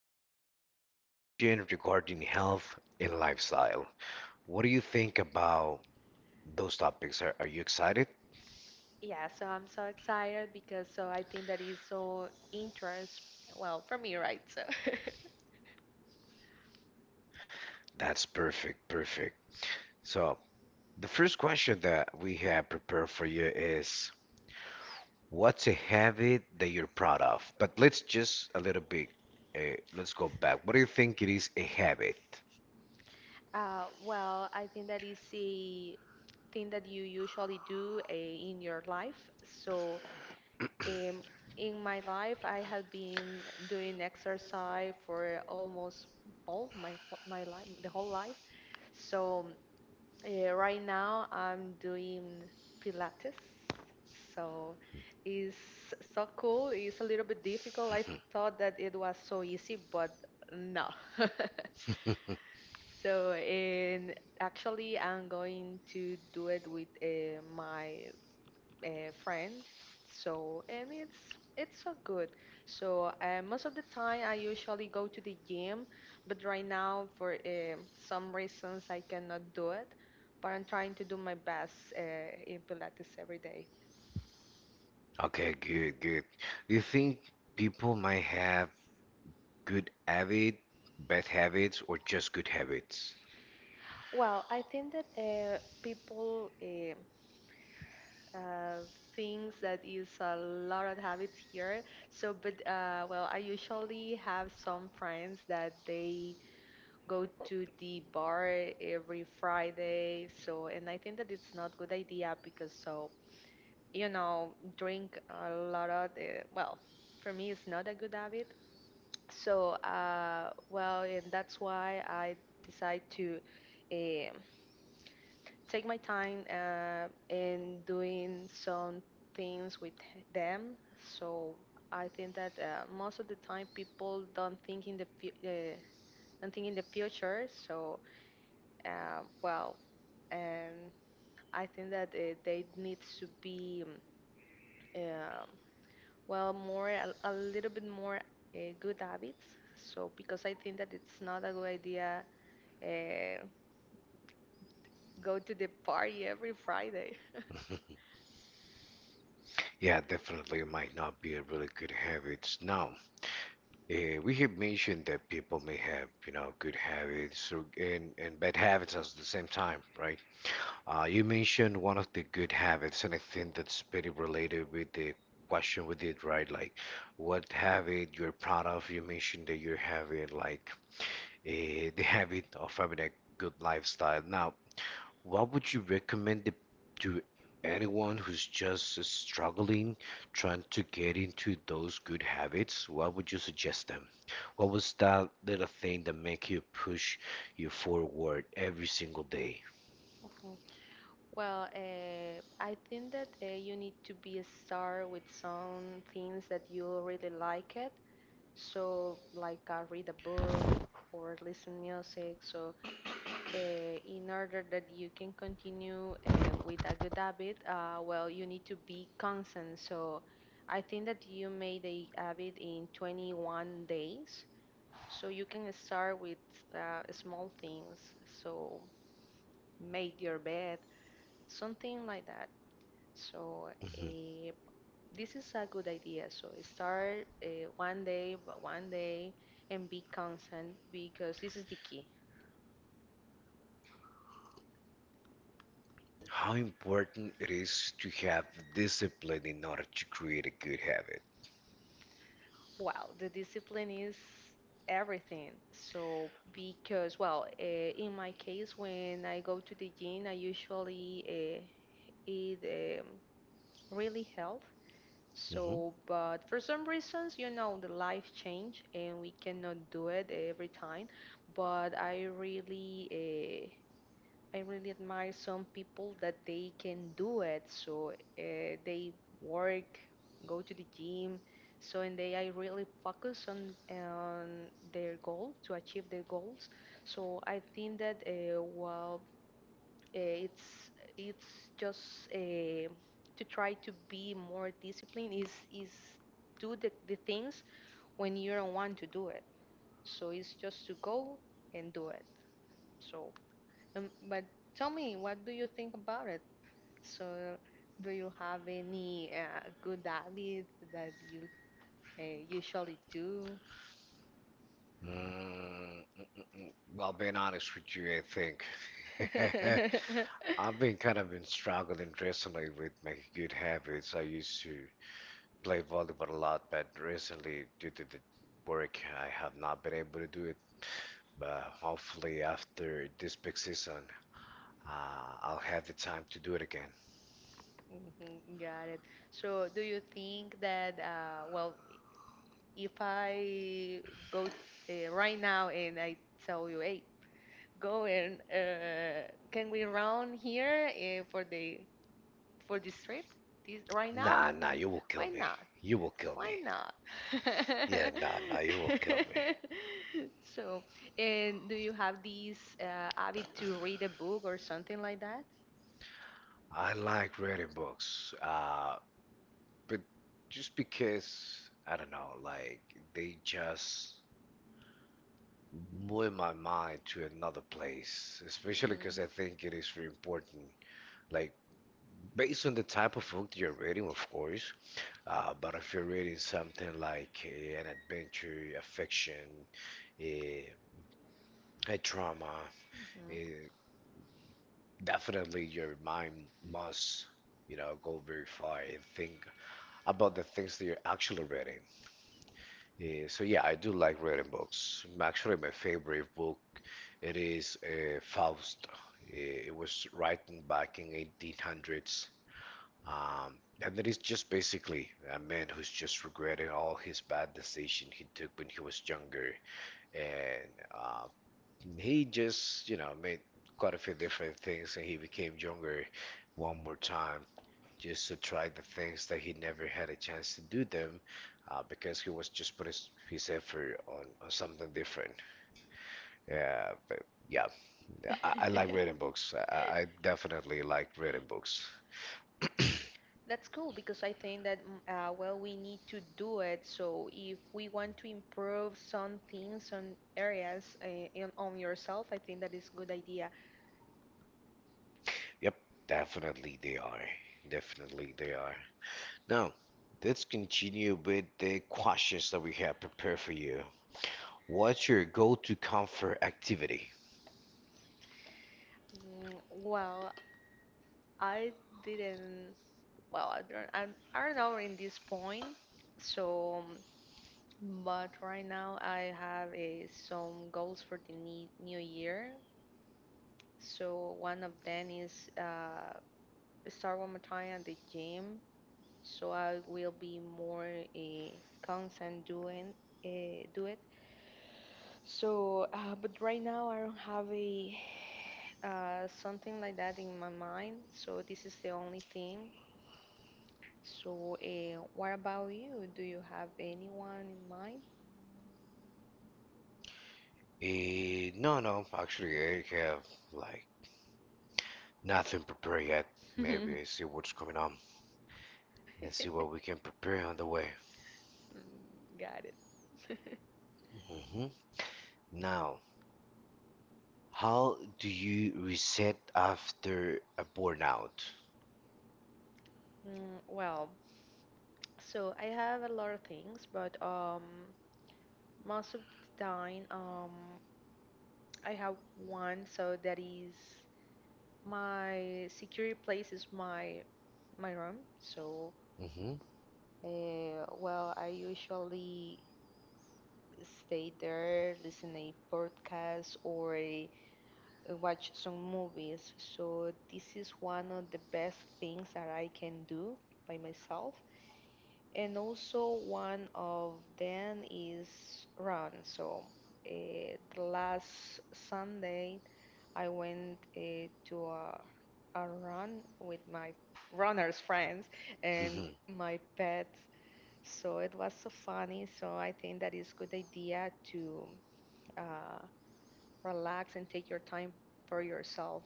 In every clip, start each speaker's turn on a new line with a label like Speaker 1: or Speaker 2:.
Speaker 1: small conversation regarding health and lifestyle. What do you think about those topics? Are you excited?
Speaker 2: Yeah, so I'm so excited because so I think that is so interest. Well, for me, right? So,
Speaker 1: That's perfect, perfect. So the first question that we have prepared for you is, what's a habit that you're proud of? But let's just a little bit, let's go back. What do you think it is a habit?
Speaker 2: well, I think that is a thing that you usually do in your life. So Um, in my life, I have been doing exercise for almost all my life, the whole life. So right now, I'm doing Pilates. So it's so cool. It's a little bit difficult. I thought that it was so easy, but no. So, and actually, I'm going to do it with my friend. So and it's so good. So most of the time I usually go to the gym, but right now for some reasons I cannot do it. But I'm trying to do my best in Pilates every day.
Speaker 1: Okay, good, good. You think people might have good habit, bad habits, or just good habits?
Speaker 2: Well, I think that people uh, thinks that is a lot of habits here. So, but well, I usually have some friends that they go to the bar every Friday. So, and I think that it's not good idea because so, drink a lot of the, well, for me it's not a good habit. So, well, and that's why I decide to um take my time in doing some things with them. So I think that most of the time people don't think in don't think in the future. So well, and I think that they need to be um well more a little bit more good habits. So because I think that it's not a good idea uh, go to the party every Friday.
Speaker 1: Yeah, definitely it might not be a really good habits. Now, we have mentioned that people may have, good habits or, and bad habits at the same time, right? You mentioned one of the good habits, and I think that's pretty related with the question we did, right? Like, what habit you're proud of? You mentioned that you're having like the habit of having a good lifestyle. Now, what would you recommend it to anyone who's just struggling, trying to get into those good habits? What would you suggest them? What was that little thing that make you push you forward every single day?
Speaker 2: Mhm. Well, I think that you need to be a star with some things that you really like it. So, like read a book or listen music. So in order that you can continue with a good habit, well, you need to be constant. So I think that you made a habit in 21 days. So you can start with small things. So make your bed, something like that. So
Speaker 1: Mm-hmm.
Speaker 2: uh, this is a good idea. So start one day, but one day, and be constant because this is the key.
Speaker 1: How important it is to have discipline in order to create a good habit.
Speaker 2: Well, the discipline is everything. So, because, well, in my case, when I go to the gym, I usually eat really health.
Speaker 1: Mhm.
Speaker 2: So, but for some reasons, the life change and we cannot do it every time. But eh, I really admire some people that they can do it. So they work, go to the gym. So and they I really focus on their goal to achieve their goals. So I think that well, uh, it's it's just uh, to try to be more disciplined is do the things when you don't want to do it. So it's just to go and do it. So but tell me, what do you think about it? So, do you have any good habit that you usually do?
Speaker 1: Mm. Well, being honest with you, I think I've been kind of been struggling recently with my good habits. I used to play volleyball a lot, but recently, due to the work, I have not been able to do. But hopefully, after this big season, I'll have the time to do it again.
Speaker 2: Mhm. Got it. So, do you think that, well, if I go right now and I tell you, hey, go and can we round here for the for this trip this right now?
Speaker 1: Nah, nah, you will kill
Speaker 2: Why
Speaker 1: me.
Speaker 2: not?
Speaker 1: You will kill
Speaker 2: Why
Speaker 1: me.
Speaker 2: not?
Speaker 1: Yeah, nah, nah, you will kill me.
Speaker 2: So, and do you have these habit to read a book or something like that?
Speaker 1: I like reading books, but just because, I don't know, like, they just move my mind to another place, especially because
Speaker 2: Mm.
Speaker 1: I think it is very important. Like, based on the type of book that you're reading, of course. But if you're reading something like an adventure, a fiction, a, a drama, eh, definitely your mind must, you know, go very far and think about the things that you're actually reading. So yeah, I do like reading books. Actually, my favorite book it is Faust. It was written back in 1800s. And that is just basically a man who's just regretting all his bad decision he took when he was younger, and he just, you know, made quite a few different things, and he became younger one more time just to try the things that he never had a chance to do them, because he was just putting his effort on something different. Yeah, but yeah, I like
Speaker 2: Mhm.
Speaker 1: reading books. I definitely like reading books.
Speaker 2: That's cool because I think that well we need to do it. So if we want to improve some things, some areas on yourself, I think that is good idea.
Speaker 1: Yep, definitely they are. Definitely they are. Now, let's continue with the questions that we have prepared for you. What's your go-to comfort activity?
Speaker 2: Mm, well, I didn't. Well, I don't. I don't know in this point. So, but right now I have some goals for the new year. So one of them is start one more time at the gym. So I will be more constant doing do it. So, but right now I don't have a something like that in my mind. So this is the only thing. So, what about you? Do you have anyone in mind?
Speaker 1: No, no, actually, I have like nothing prepared yet. Maybe see what's coming on and see what we can prepare on the way.
Speaker 2: Mm. Got it.
Speaker 1: Hmm. Now, how do you reset after a burnout?
Speaker 2: Mm, well, so I have a lot of things, but most of the time, I have one. So that is my secure place is my room. So,
Speaker 1: Hmm.
Speaker 2: well, I usually stay there, listen a podcast or watch some movies. So this is one of the best things that I can do by myself. And also one of them is run. So the last Sunday I went to a run with my runners friends and
Speaker 1: Hmm.
Speaker 2: my pets. So it was so funny. So I think that is good idea to uh, relax and take your time for yourself.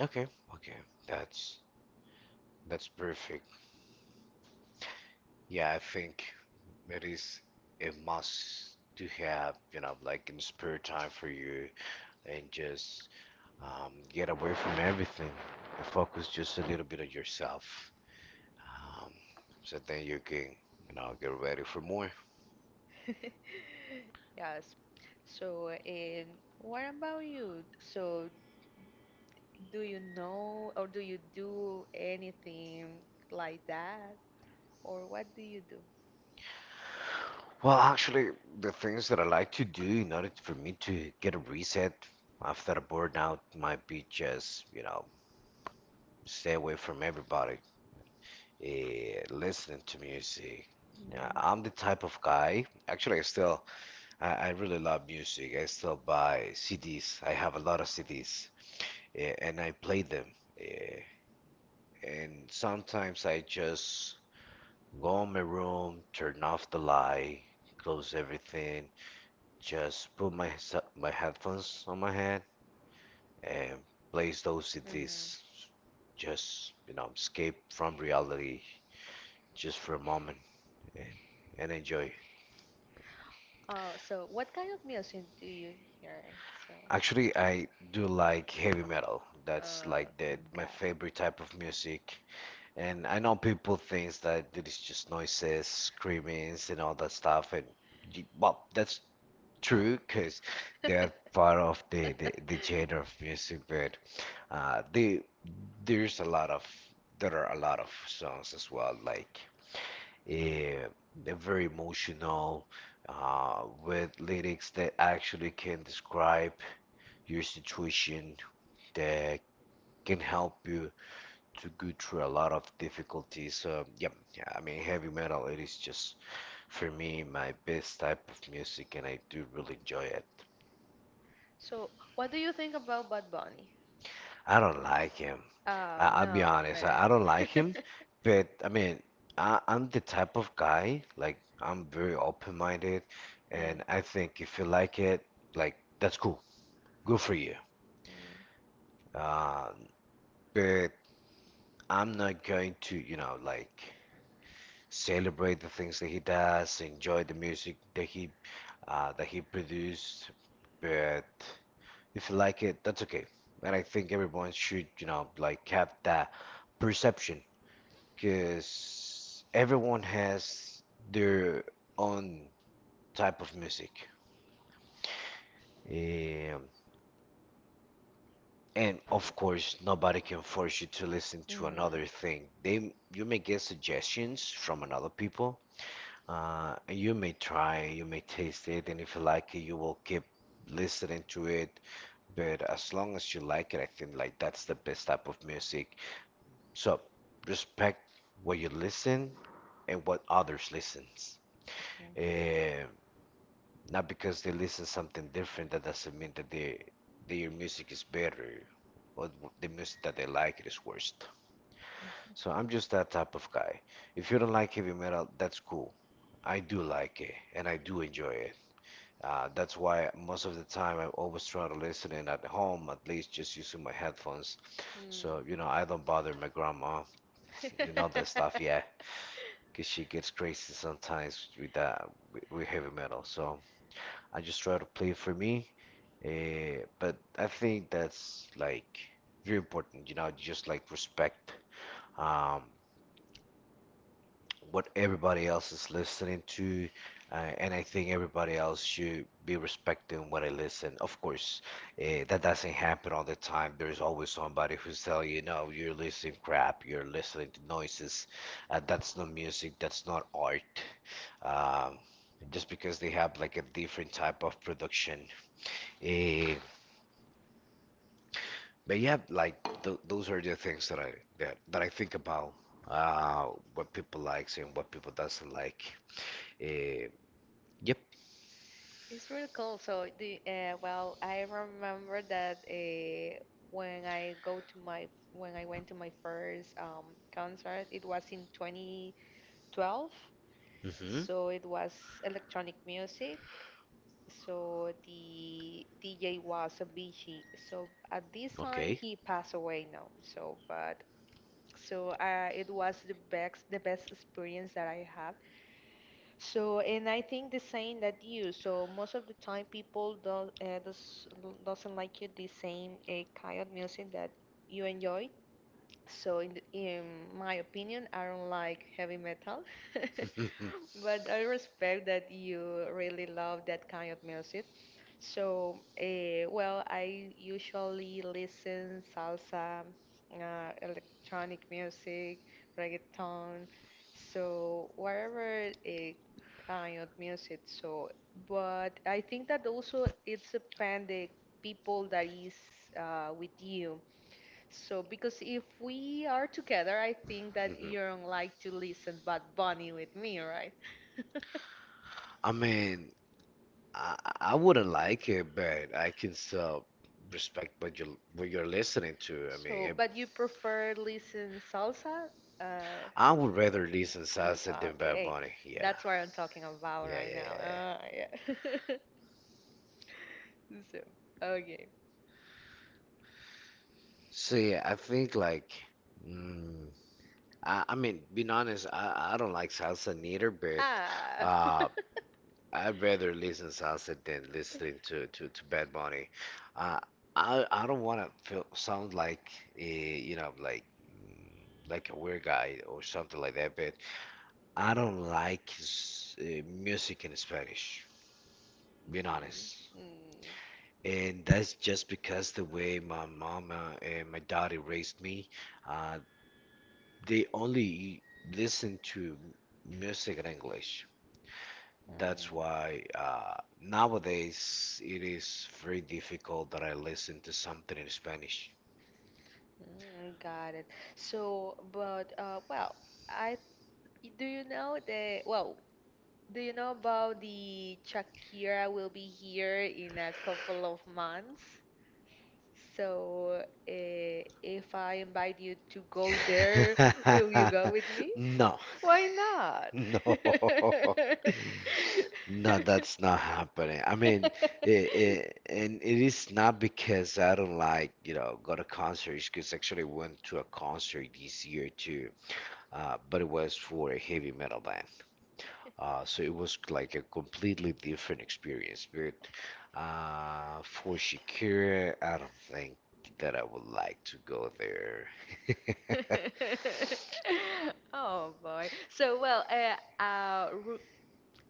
Speaker 1: Okay, okay, that's perfect. Yeah, I think it is a must to have, you know, like in spare time for you and just get away from everything and focus just a little bit on yourself. Um, so then you can, you know, get ready for more.
Speaker 2: Yes. So, and what about you? So, do you know or do you do anything like that? Or what do you do?
Speaker 1: Well, actually, the things that I like to do in order for me to get a reset after a burnout might be just, you know, stay away from everybody. Listening to music. Yeah, I'm the type of guy. Actually, I still I really love music. I still buy CDs. I have a lot of CDs, and I play them. eh, and sometimes I just go in my room, turn off the light, close everything, just put my my headphones on my head and plays those
Speaker 2: Hmm.
Speaker 1: CDs. Just, you know, escape from reality just for a moment and, and enjoy.
Speaker 2: So what kind of music do you hear? So,
Speaker 1: Actually, I do like heavy metal. That's
Speaker 2: uh,
Speaker 1: like the my
Speaker 2: got it.
Speaker 1: favorite type of music. And I know people thinks that it is just noises, screamings, and all that stuff. And well, that's true because they are part of the genre of music. But the there's a lot of, there are a lot of songs as well, like uh, they're very emotional with lyrics that actually can describe your situation that can help you to go through a lot of difficulties. Yep, yeah, I mean, heavy metal, it is just for me my best type of music, and I do really enjoy it.
Speaker 2: So, what do you think about Bad Bunny?
Speaker 1: I don't like him. I,
Speaker 2: Oh
Speaker 1: I'll be
Speaker 2: no,
Speaker 1: honest, I
Speaker 2: man.
Speaker 1: don't like him, but I mean, I'm the type of guy, like, I'm very open-minded,
Speaker 2: Uh,
Speaker 1: and I think if you like it, like, that's cool. Good for you. Uh, but I'm not going to, you know, like, celebrate the things that he does, enjoy the music that he produced. But if you like it, that's okay. And I think everyone should, you know, like have that perception because everyone has their own type of music. Um, and of course, nobody can force you to listen to
Speaker 2: mhm.
Speaker 1: another thing. They You may get suggestions from another people. You may try, you may taste it, and if you like it, you will keep listening to it. But as long as you like it, I think like that's the best type of music. So respect what you listen and what others listens. Eh, Not because they listen something different, that doesn't mean that their music is better or the music that they like is worst. So I'm just that type of guy. If you don't like heavy metal, that's cool. I do like it and I do enjoy it. That's why most of the time I always try to listen in at home, at least just using my headphones.
Speaker 2: Mm.
Speaker 1: So, you know, I don't bother my grandma, you know, that stuff, yeah. Because she gets crazy sometimes with that, with heavy metal. So I just try to play for me. But I think that's like very important, you know, just like respect. Um, what everybody else is listening to, and I think everybody else should be respecting what I listen. Of course, that doesn't happen all the time. There's always somebody who's telling you, no, you're listening crap, you're listening to noises. That's not music, that's not art. Um, just because they have like a different type of production. Eh, but yeah, like th those are the things that I that I think about. Uh, what people likes and what people doesn't like. Eh, Yep.
Speaker 2: It's really cool. So the well, I remember that when I go to my when I went to my first concert, it was in 2012.
Speaker 1: Mm-hmm.
Speaker 2: So it was electronic music, so the DJ was a Bichi. So at this time
Speaker 1: Okay.
Speaker 2: he passed away now. So but so it was the best experience that I have. So and I think the same that you. So most of the time people don't doesn't like you the same kind of music that you enjoy. So in my opinion, I don't like heavy metal. But I respect that you really love that kind of music. So, well, I usually listen salsa, electronic music, reggaeton, so whatever kind of music. So, but I think that also it's depend the people that is with you. So, because if we are together, I think that you don't like to listen Bad Bunny with me, right?
Speaker 1: I mean, I, I wouldn't like it, but I can still respect what you what you're listening to. I mean,
Speaker 2: So,
Speaker 1: it,
Speaker 2: but you prefer listen salsa? Uh,
Speaker 1: I would rather listen salsa than Bad
Speaker 2: okay,
Speaker 1: Bunny. Yeah,
Speaker 2: that's what I'm talking about
Speaker 1: yeah,
Speaker 2: right
Speaker 1: yeah,
Speaker 2: now.
Speaker 1: yeah, yeah.
Speaker 2: Yeah. So, okay.
Speaker 1: So yeah, I think like, mm, I mean, being honest, I don't like salsa neither, but
Speaker 2: Ah.
Speaker 1: uh, I'd rather listen salsa than listening to Bad Bunny. Uh, I don't want to feel sound like you know like like a weird guy or something like that. But I don't like music in Spanish. Being honest,
Speaker 2: Mhm. Mm,
Speaker 1: and that's just because the way my mama and my daddy raised me. Uh, they only listen to music in English. That's
Speaker 2: mm,
Speaker 1: why nowadays it is very difficult that I listen to something in Spanish.
Speaker 2: got it. So, but well, I do you know that? Well, do you know about the Shakira will be here in a couple of months? So, if I invite you to go there, will you go with me?
Speaker 1: No,
Speaker 2: Why not?
Speaker 1: no, no, that's not happening. I mean, it, and it is not because I don't like, you know, go to concerts, because actually went to a concert this year too, but it was for a heavy metal band. So it was like a completely different experience. But for Shakira, I don't think that I would like to go there.
Speaker 2: Oh boy. So, well,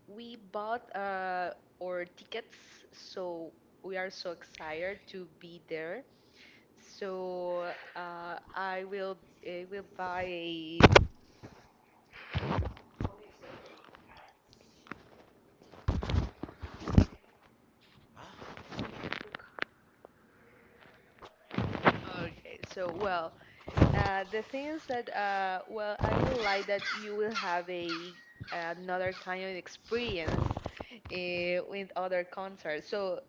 Speaker 2: we bought our tickets, so we are so excited to be there. So I will buy a um, okay. So well, the thing is that well, I would like that you will have a another kind of experience with other concerts. So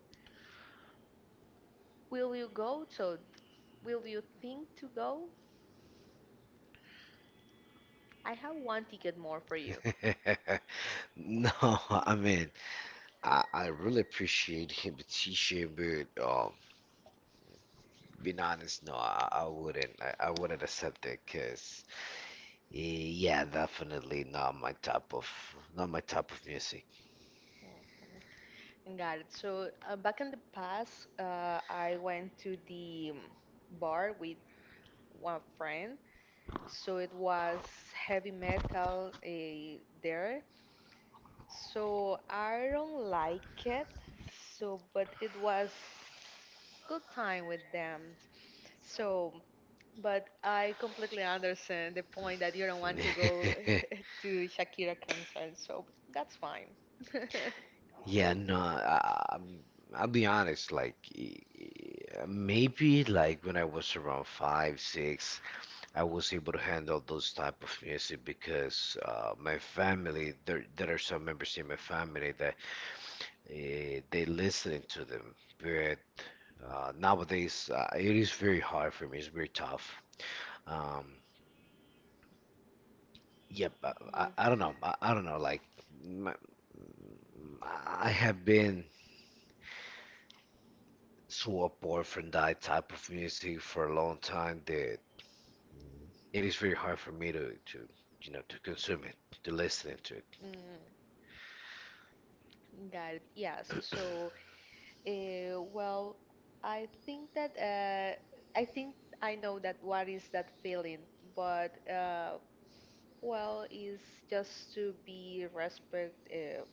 Speaker 2: will you go? So will you think to go? I have one ticket more for you.
Speaker 1: No, I mean, I really appreciate him invitation, but being honest, no, I wouldn't. I wouldn't accept it, cause yeah, definitely not my type of not my type of music.
Speaker 2: Mm. Got it. So back in the past, I went to the bar with one friend so it was heavy metal there. So I don't like it. So, but it was good time with them. So, but I completely understand the point that you don't want to go to Shakira concert. So that's fine.
Speaker 1: Yeah, no, I'm- I'll be honest, like maybe like when I was around five, six, I was able to handle those type of music because my family, there are some members in my family that they listening to them. But nowadays, it is very hard for me. It's very tough. Um, Yep,
Speaker 2: Mhm.
Speaker 1: I don't know. I don't know. Like, m- I have been so apart from that type of music for a long time that it is very hard for me to to consume it, to listen to it.
Speaker 2: Mm, got it. Yes. So well, I think that uh, I think I know that what is that feeling, but well, is just to be respect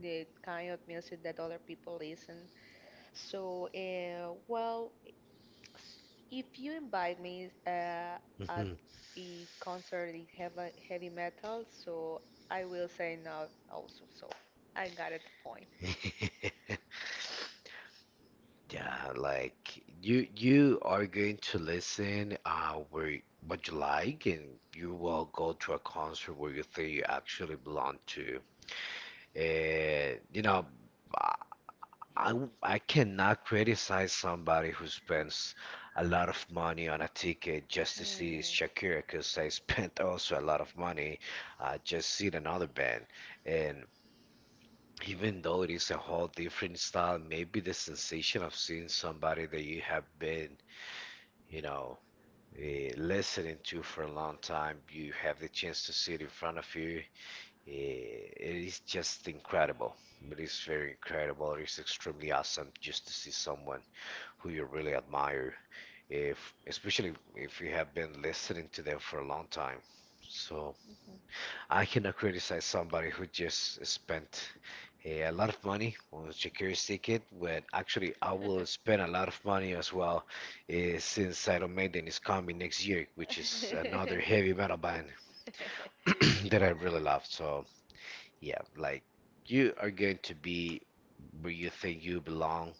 Speaker 2: the kind of music that other people listen. So, well, s- if you invite me at
Speaker 1: Mhm.
Speaker 2: a concert in heavy metal, so I will say no also. So I got it the point.
Speaker 1: Yeah, like you are going to listen where what you like and you will go to a concert where you think you actually belong to. And you know, I, w- I cannot criticize somebody who spends a lot of money on a ticket just to see
Speaker 2: Mhm.
Speaker 1: Shakira because I spent also a lot of money just seeing another band. And even though it is a whole different style, maybe the sensation of seeing somebody that you have been, you know, listening to for a long time, you have the chance to see it in front of you. It is just incredible. It is very incredible. It is extremely awesome just to see someone who you really admire, if especially if you have been listening to them for a long time. So
Speaker 2: Mhm.
Speaker 1: I cannot criticize somebody who just spent a lot of money on a security ticket when actually I will spend a lot of money as well since Iron Maiden is coming next year, which is another heavy metal band that I really love. So yeah, like you are going to be where you think you belong,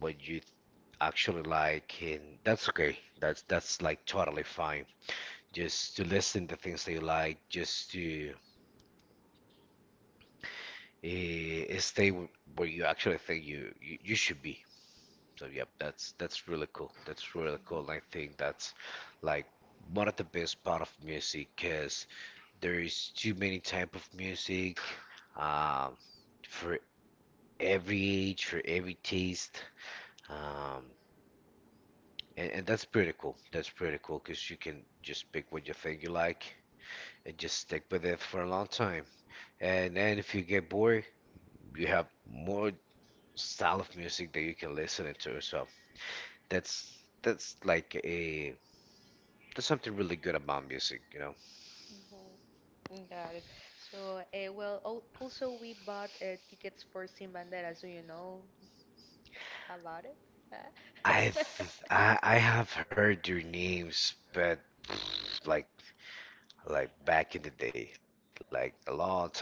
Speaker 1: what you actually like, and that's okay that's like totally fine just to listen to things that you like, just to stay where you actually think you should be. So yep, that's really cool. That's really cool. And I think that's like one of the best part of music, because there is too many type of music, um, for every age, for every taste. Um, And, and that's pretty cool. That's pretty cool, because you can just pick what you think you like and just stick with it for a long time. And then if you get bored, you have more style of music that you can listen to. So that's like a there's something really good about music, you know.
Speaker 2: Mhm. Got it. So, well, also we bought tickets for Sin Bandera, so you know about it. Uh,
Speaker 1: I have heard their names, but like like back in the day, like a long time ago.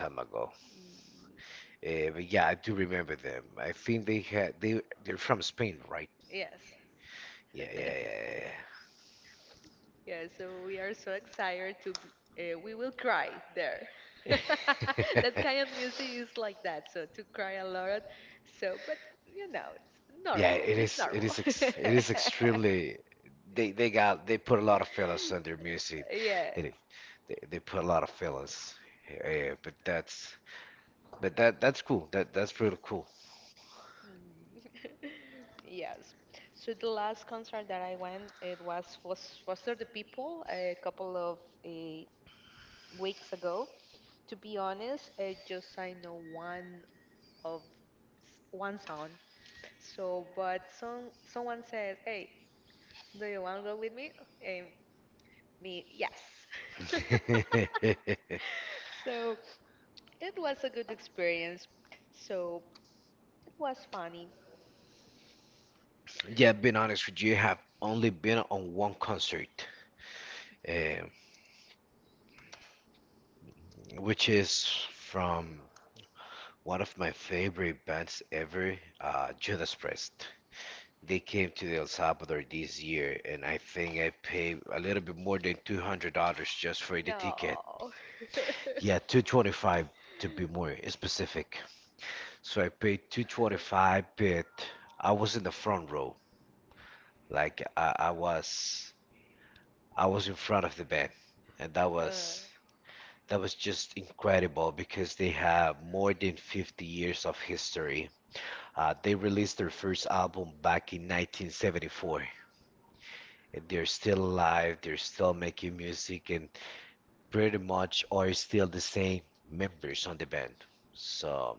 Speaker 1: But yeah, I do remember them. I think they had they they're from Spain, right?
Speaker 2: Yes.
Speaker 1: Yeah, yeah, yeah,
Speaker 2: Yeah, so we are so excited to be, we will cry there.
Speaker 1: yeah.
Speaker 2: That
Speaker 1: yeah.
Speaker 2: kind of music is like that, so to cry a lot. So, but you know, it's
Speaker 1: Yeah,
Speaker 2: normal.
Speaker 1: it
Speaker 2: It's
Speaker 1: is. It
Speaker 2: normal.
Speaker 1: is. Ex it is extremely. They put a lot of feelings on their music.
Speaker 2: Yes.
Speaker 1: It, they put a lot of feelings. Yeah, yeah, but that's cool. That's really cool.
Speaker 2: Mm. Yes. So the last concert that I went, it was Foster the People a couple of uh, weeks ago. To be honest, I know one of one song. So, but someone says, "Hey, do you want to go with me?" And me, yes. So it was a good experience. So it was funny.
Speaker 1: Yeah, being honest with you, I have only been on one concert, um, which is from one of my favorite bands ever, Judas Priest. They came to El Salvador this year, and I think I paid a little bit more than $200 just for the ticket.
Speaker 2: No.
Speaker 1: Yeah, 225 to be more specific. So I paid 225, but I was in the front row. Like I was in front of the band, and that
Speaker 2: Uh,
Speaker 1: was that was just incredible because they have more than 50 years of history. They released their first album back in 1974. They're still alive, they're still making music, and pretty much are still the same members on the band. So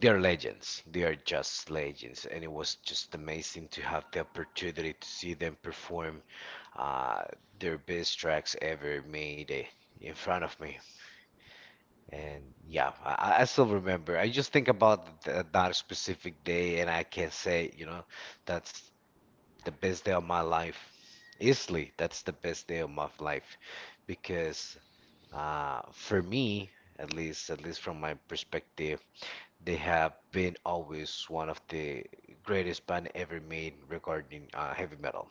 Speaker 1: they're legends. They are just legends, and it was just amazing to have the opportunity to see them perform uh, their best tracks ever made in front of me. And yeah, I still remember. I just think about that specific day, and I can say, you know, that's the best day of my life. Easily, that's the best day of my life, because for me, at least from my perspective, they have been always one of the greatest band ever made regarding heavy metal.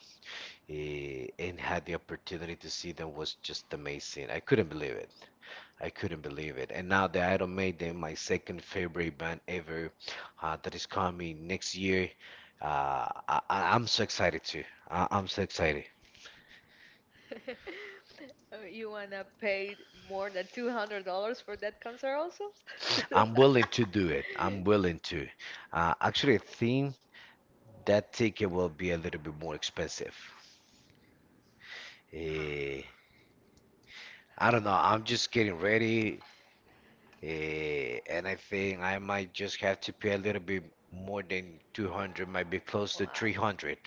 Speaker 1: And had the opportunity to see them was just amazing. I couldn't believe it. I couldn't believe it. And now the Idol made them my second favorite band ever, that is coming next year. I'm so excited too. I'm so excited.
Speaker 2: you wanna pay more than $200 for that concert also?
Speaker 1: I'm willing to do it. I'm willing to. Actually, I think that ticket will be a little bit more expensive. Eh, I don't know. I'm just getting ready, and I think I might just have to pay a little bit more than 200, might be close to
Speaker 2: Wow!
Speaker 1: 300.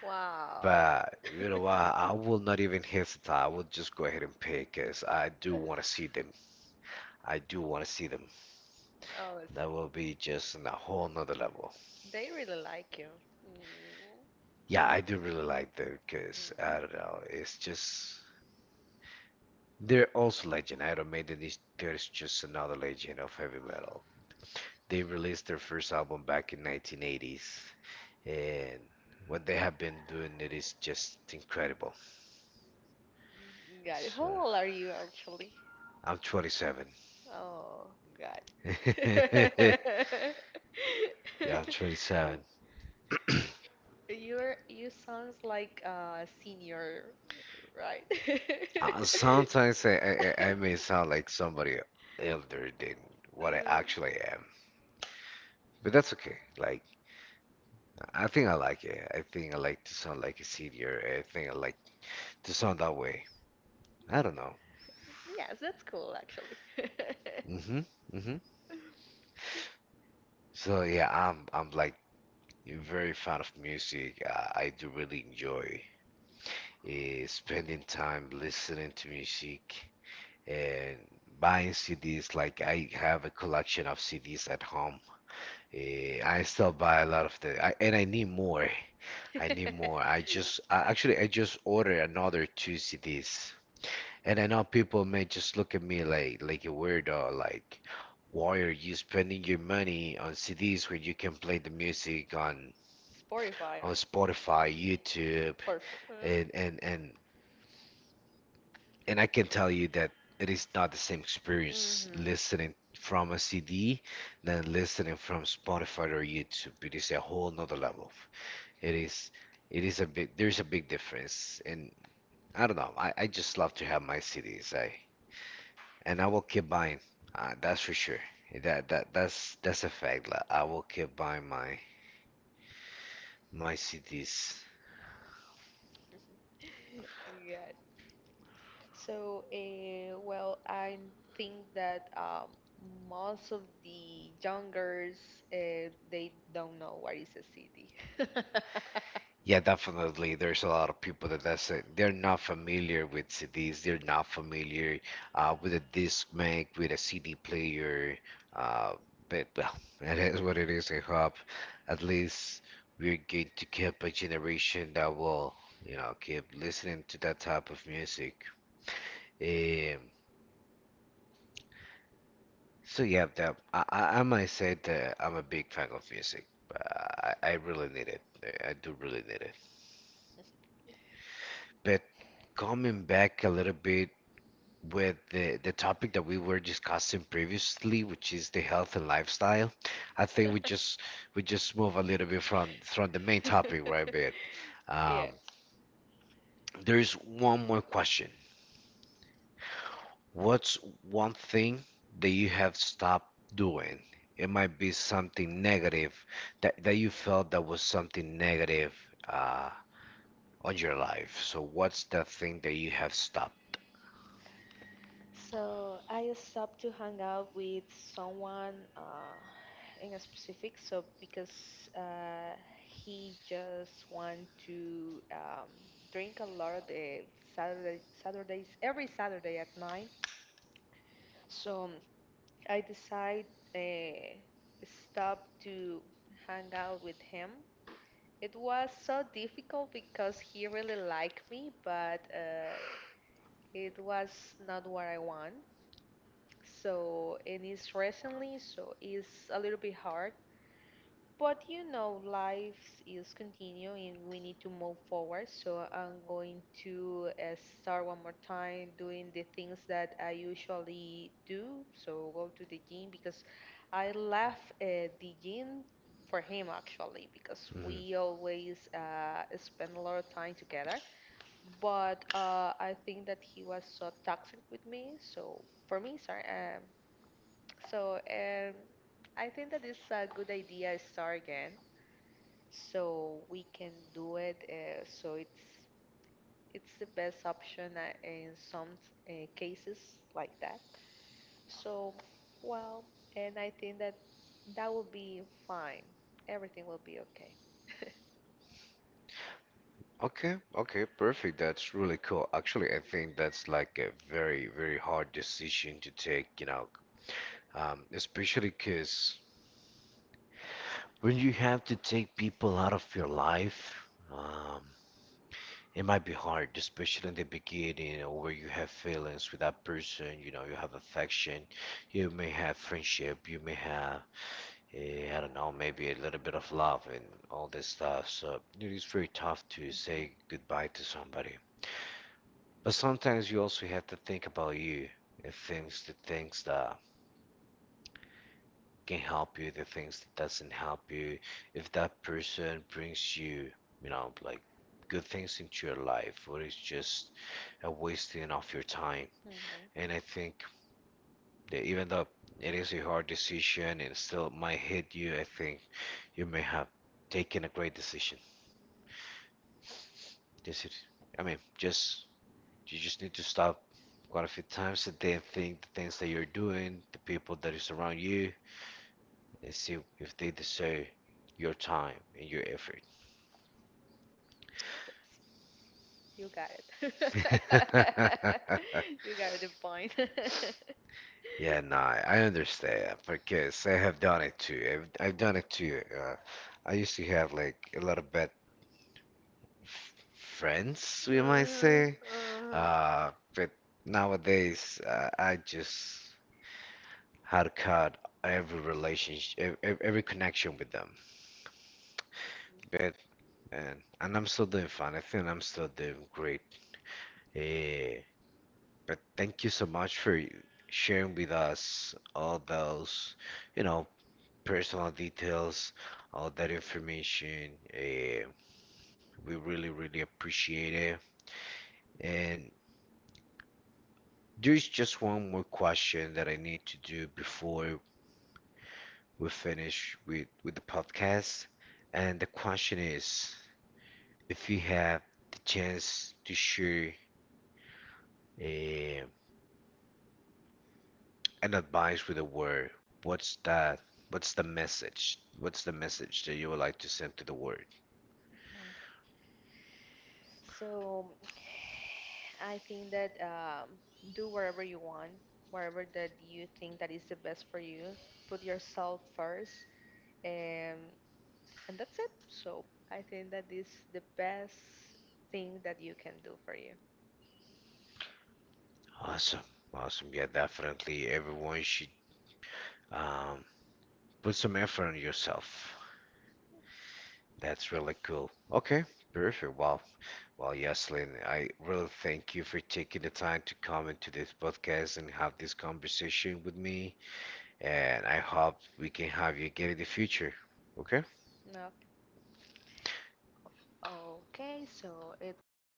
Speaker 2: Wow!
Speaker 1: But you know what? I will not even hesitate. I will just go ahead and pay because I do want to see them. I do want to see them.
Speaker 2: Oh,
Speaker 1: That will be just on a whole nother level.
Speaker 2: they really like you. Mm.
Speaker 1: Yeah, I do really like them because I don't know. It's just they're also legend. Iron Maiden is there's just another legend of heavy metal. They released their first album back in 1980s, and what they have been doing it is just incredible.
Speaker 2: Mm. Got it. How
Speaker 1: So,
Speaker 2: old are you actually?
Speaker 1: I'm 27.
Speaker 2: Oh, got it.
Speaker 1: Yeah, I'm 27.
Speaker 2: You sounds like a senior, right?
Speaker 1: Sometimes I may sound like somebody elder than what I
Speaker 2: Mm.
Speaker 1: actually am, but that's okay. Like, I think I like it. I think I like to sound like a senior. I think I like to sound that way. I don't know.
Speaker 2: Yes, that's cool actually.
Speaker 1: hmm hmm So yeah, I'm like very fan of music. I do really enjoy spending time listening to music and buying CDs. Like I have a collection of CDs at home. I still buy a lot of the, I, and I need more. I need more. Actually, I just ordered another two CDs. And I know people may just look at me like a weirdo, like, why are you spending your money on CDs when you can play the music on
Speaker 2: Spotify, right?
Speaker 1: Spotify,
Speaker 2: Mm.
Speaker 1: YouTube,
Speaker 2: For, fun.
Speaker 1: and and and and I can tell you that it is not the same experience
Speaker 2: Mhm.
Speaker 1: listening from a CD than listening from Spotify or YouTube. It is a whole nother level. It is, it is a big, there's a big difference. And I don't know, I just love to have my CDs. And I will keep buying, that's for sure. That's a fact. Like, I will keep buying my CDs.
Speaker 2: Yeah. So, well, I think that most of the young girls, they don't know what is a CD.
Speaker 1: Yeah, definitely. There's a lot of people that that's it. they're not familiar with CDs. They're not familiar with a CD player. Uh, but well, that is what it is. I hope at least we're going to keep a generation that will, you know, keep listening to that type of music. Um, so yeah, that I might say that I'm a big fan of music. I really need it. I do really need it. But coming back a little bit with the topic that we were discussing previously, which is the health and lifestyle. I think we just move a little bit from the main topic right a bit.
Speaker 2: Yes.
Speaker 1: Um, there's one more question. What's one thing that you have stopped doing? It might be something negative that, that you felt that was something negative uh, on your life. So what's that thing that you have stopped?
Speaker 2: So I stopped to hang out with someone in a specific, so because uh, he just want to drink a lot of the Saturdays every Saturday at nine. So I decide uh, stop to hang out with him. It was so difficult because he really liked me, but it was not what I want. So, and it's recently, so it's a little bit hard. But you know, life is continuing and we need to move forward. So, I'm going to start one more time doing the things that I usually do. So, go to the gym because I left the gym for him actually because
Speaker 1: Mhm.
Speaker 2: we always spend a lot of time together but I think that he was so toxic with me. So for me, sorry. So I think that it's a good idea to start again, so we can do it. So it's the best option in some cases like that. So well, and I think that that will be fine. Everything will be okay.
Speaker 1: Okay, okay, perfect. That's really cool. Actually, I think that's like a very, very hard decision to take, you know, especially because when you have to take people out of your life, um, it might be hard, especially in the beginning, or where you have feelings with that person, you know, you have affection, you may have friendship, you may have I don't know, maybe a little bit of love and all this stuff. So it is very tough to
Speaker 2: Okay.
Speaker 1: say goodbye to somebody. But sometimes you also have to think about you and things, the things that can help you, the things that doesn't help you. If that person brings you, you know, like good things into your life, or it's just a wasting of your time.
Speaker 2: Hmm.
Speaker 1: And I think that even though it is a hard decision and still might hit you, I think you may have taken a great decision. Just, it- I mean, just you just need to stop quite a few times and then think the things that you're doing, the people that is around you, and see if they deserve your time and your effort.
Speaker 2: Yes, you got it. You got the point.
Speaker 1: Yeah, no, I understand because I have done it too. I've done it too. I used to have like a lot of bad f friends, we might say. But nowadays, I just how to cut every relationship, every connection with them. But and I'm still doing fine. I think I'm still doing great. Eh, but thank you so much for sharing with us all those, you know, personal details, all that information. We really, really appreciate it. And there's just one more question that I need to do before we finish with the podcast. And the question is, if you have the chance to share eh, an advice with the world, what's that? What's the message? What's the message that you would like to send to the world?
Speaker 2: Mm. So, I think that do whatever you want, whatever that you think that is the best for you. Put yourself first, and and that's it. So, I think that is the best thing that you can do for you.
Speaker 1: Awesome, awesome. Yeah, definitely. Everyone should um, put some effort on yourself. That's really
Speaker 2: Yes.
Speaker 1: cool. Okay, perfect. Wow. Well, yes, Lynn, I really thank you for taking the time to come into this podcast and have this conversation with me. And I hope we can have you again in the future. Okay?
Speaker 2: Okay. Okay, so it was a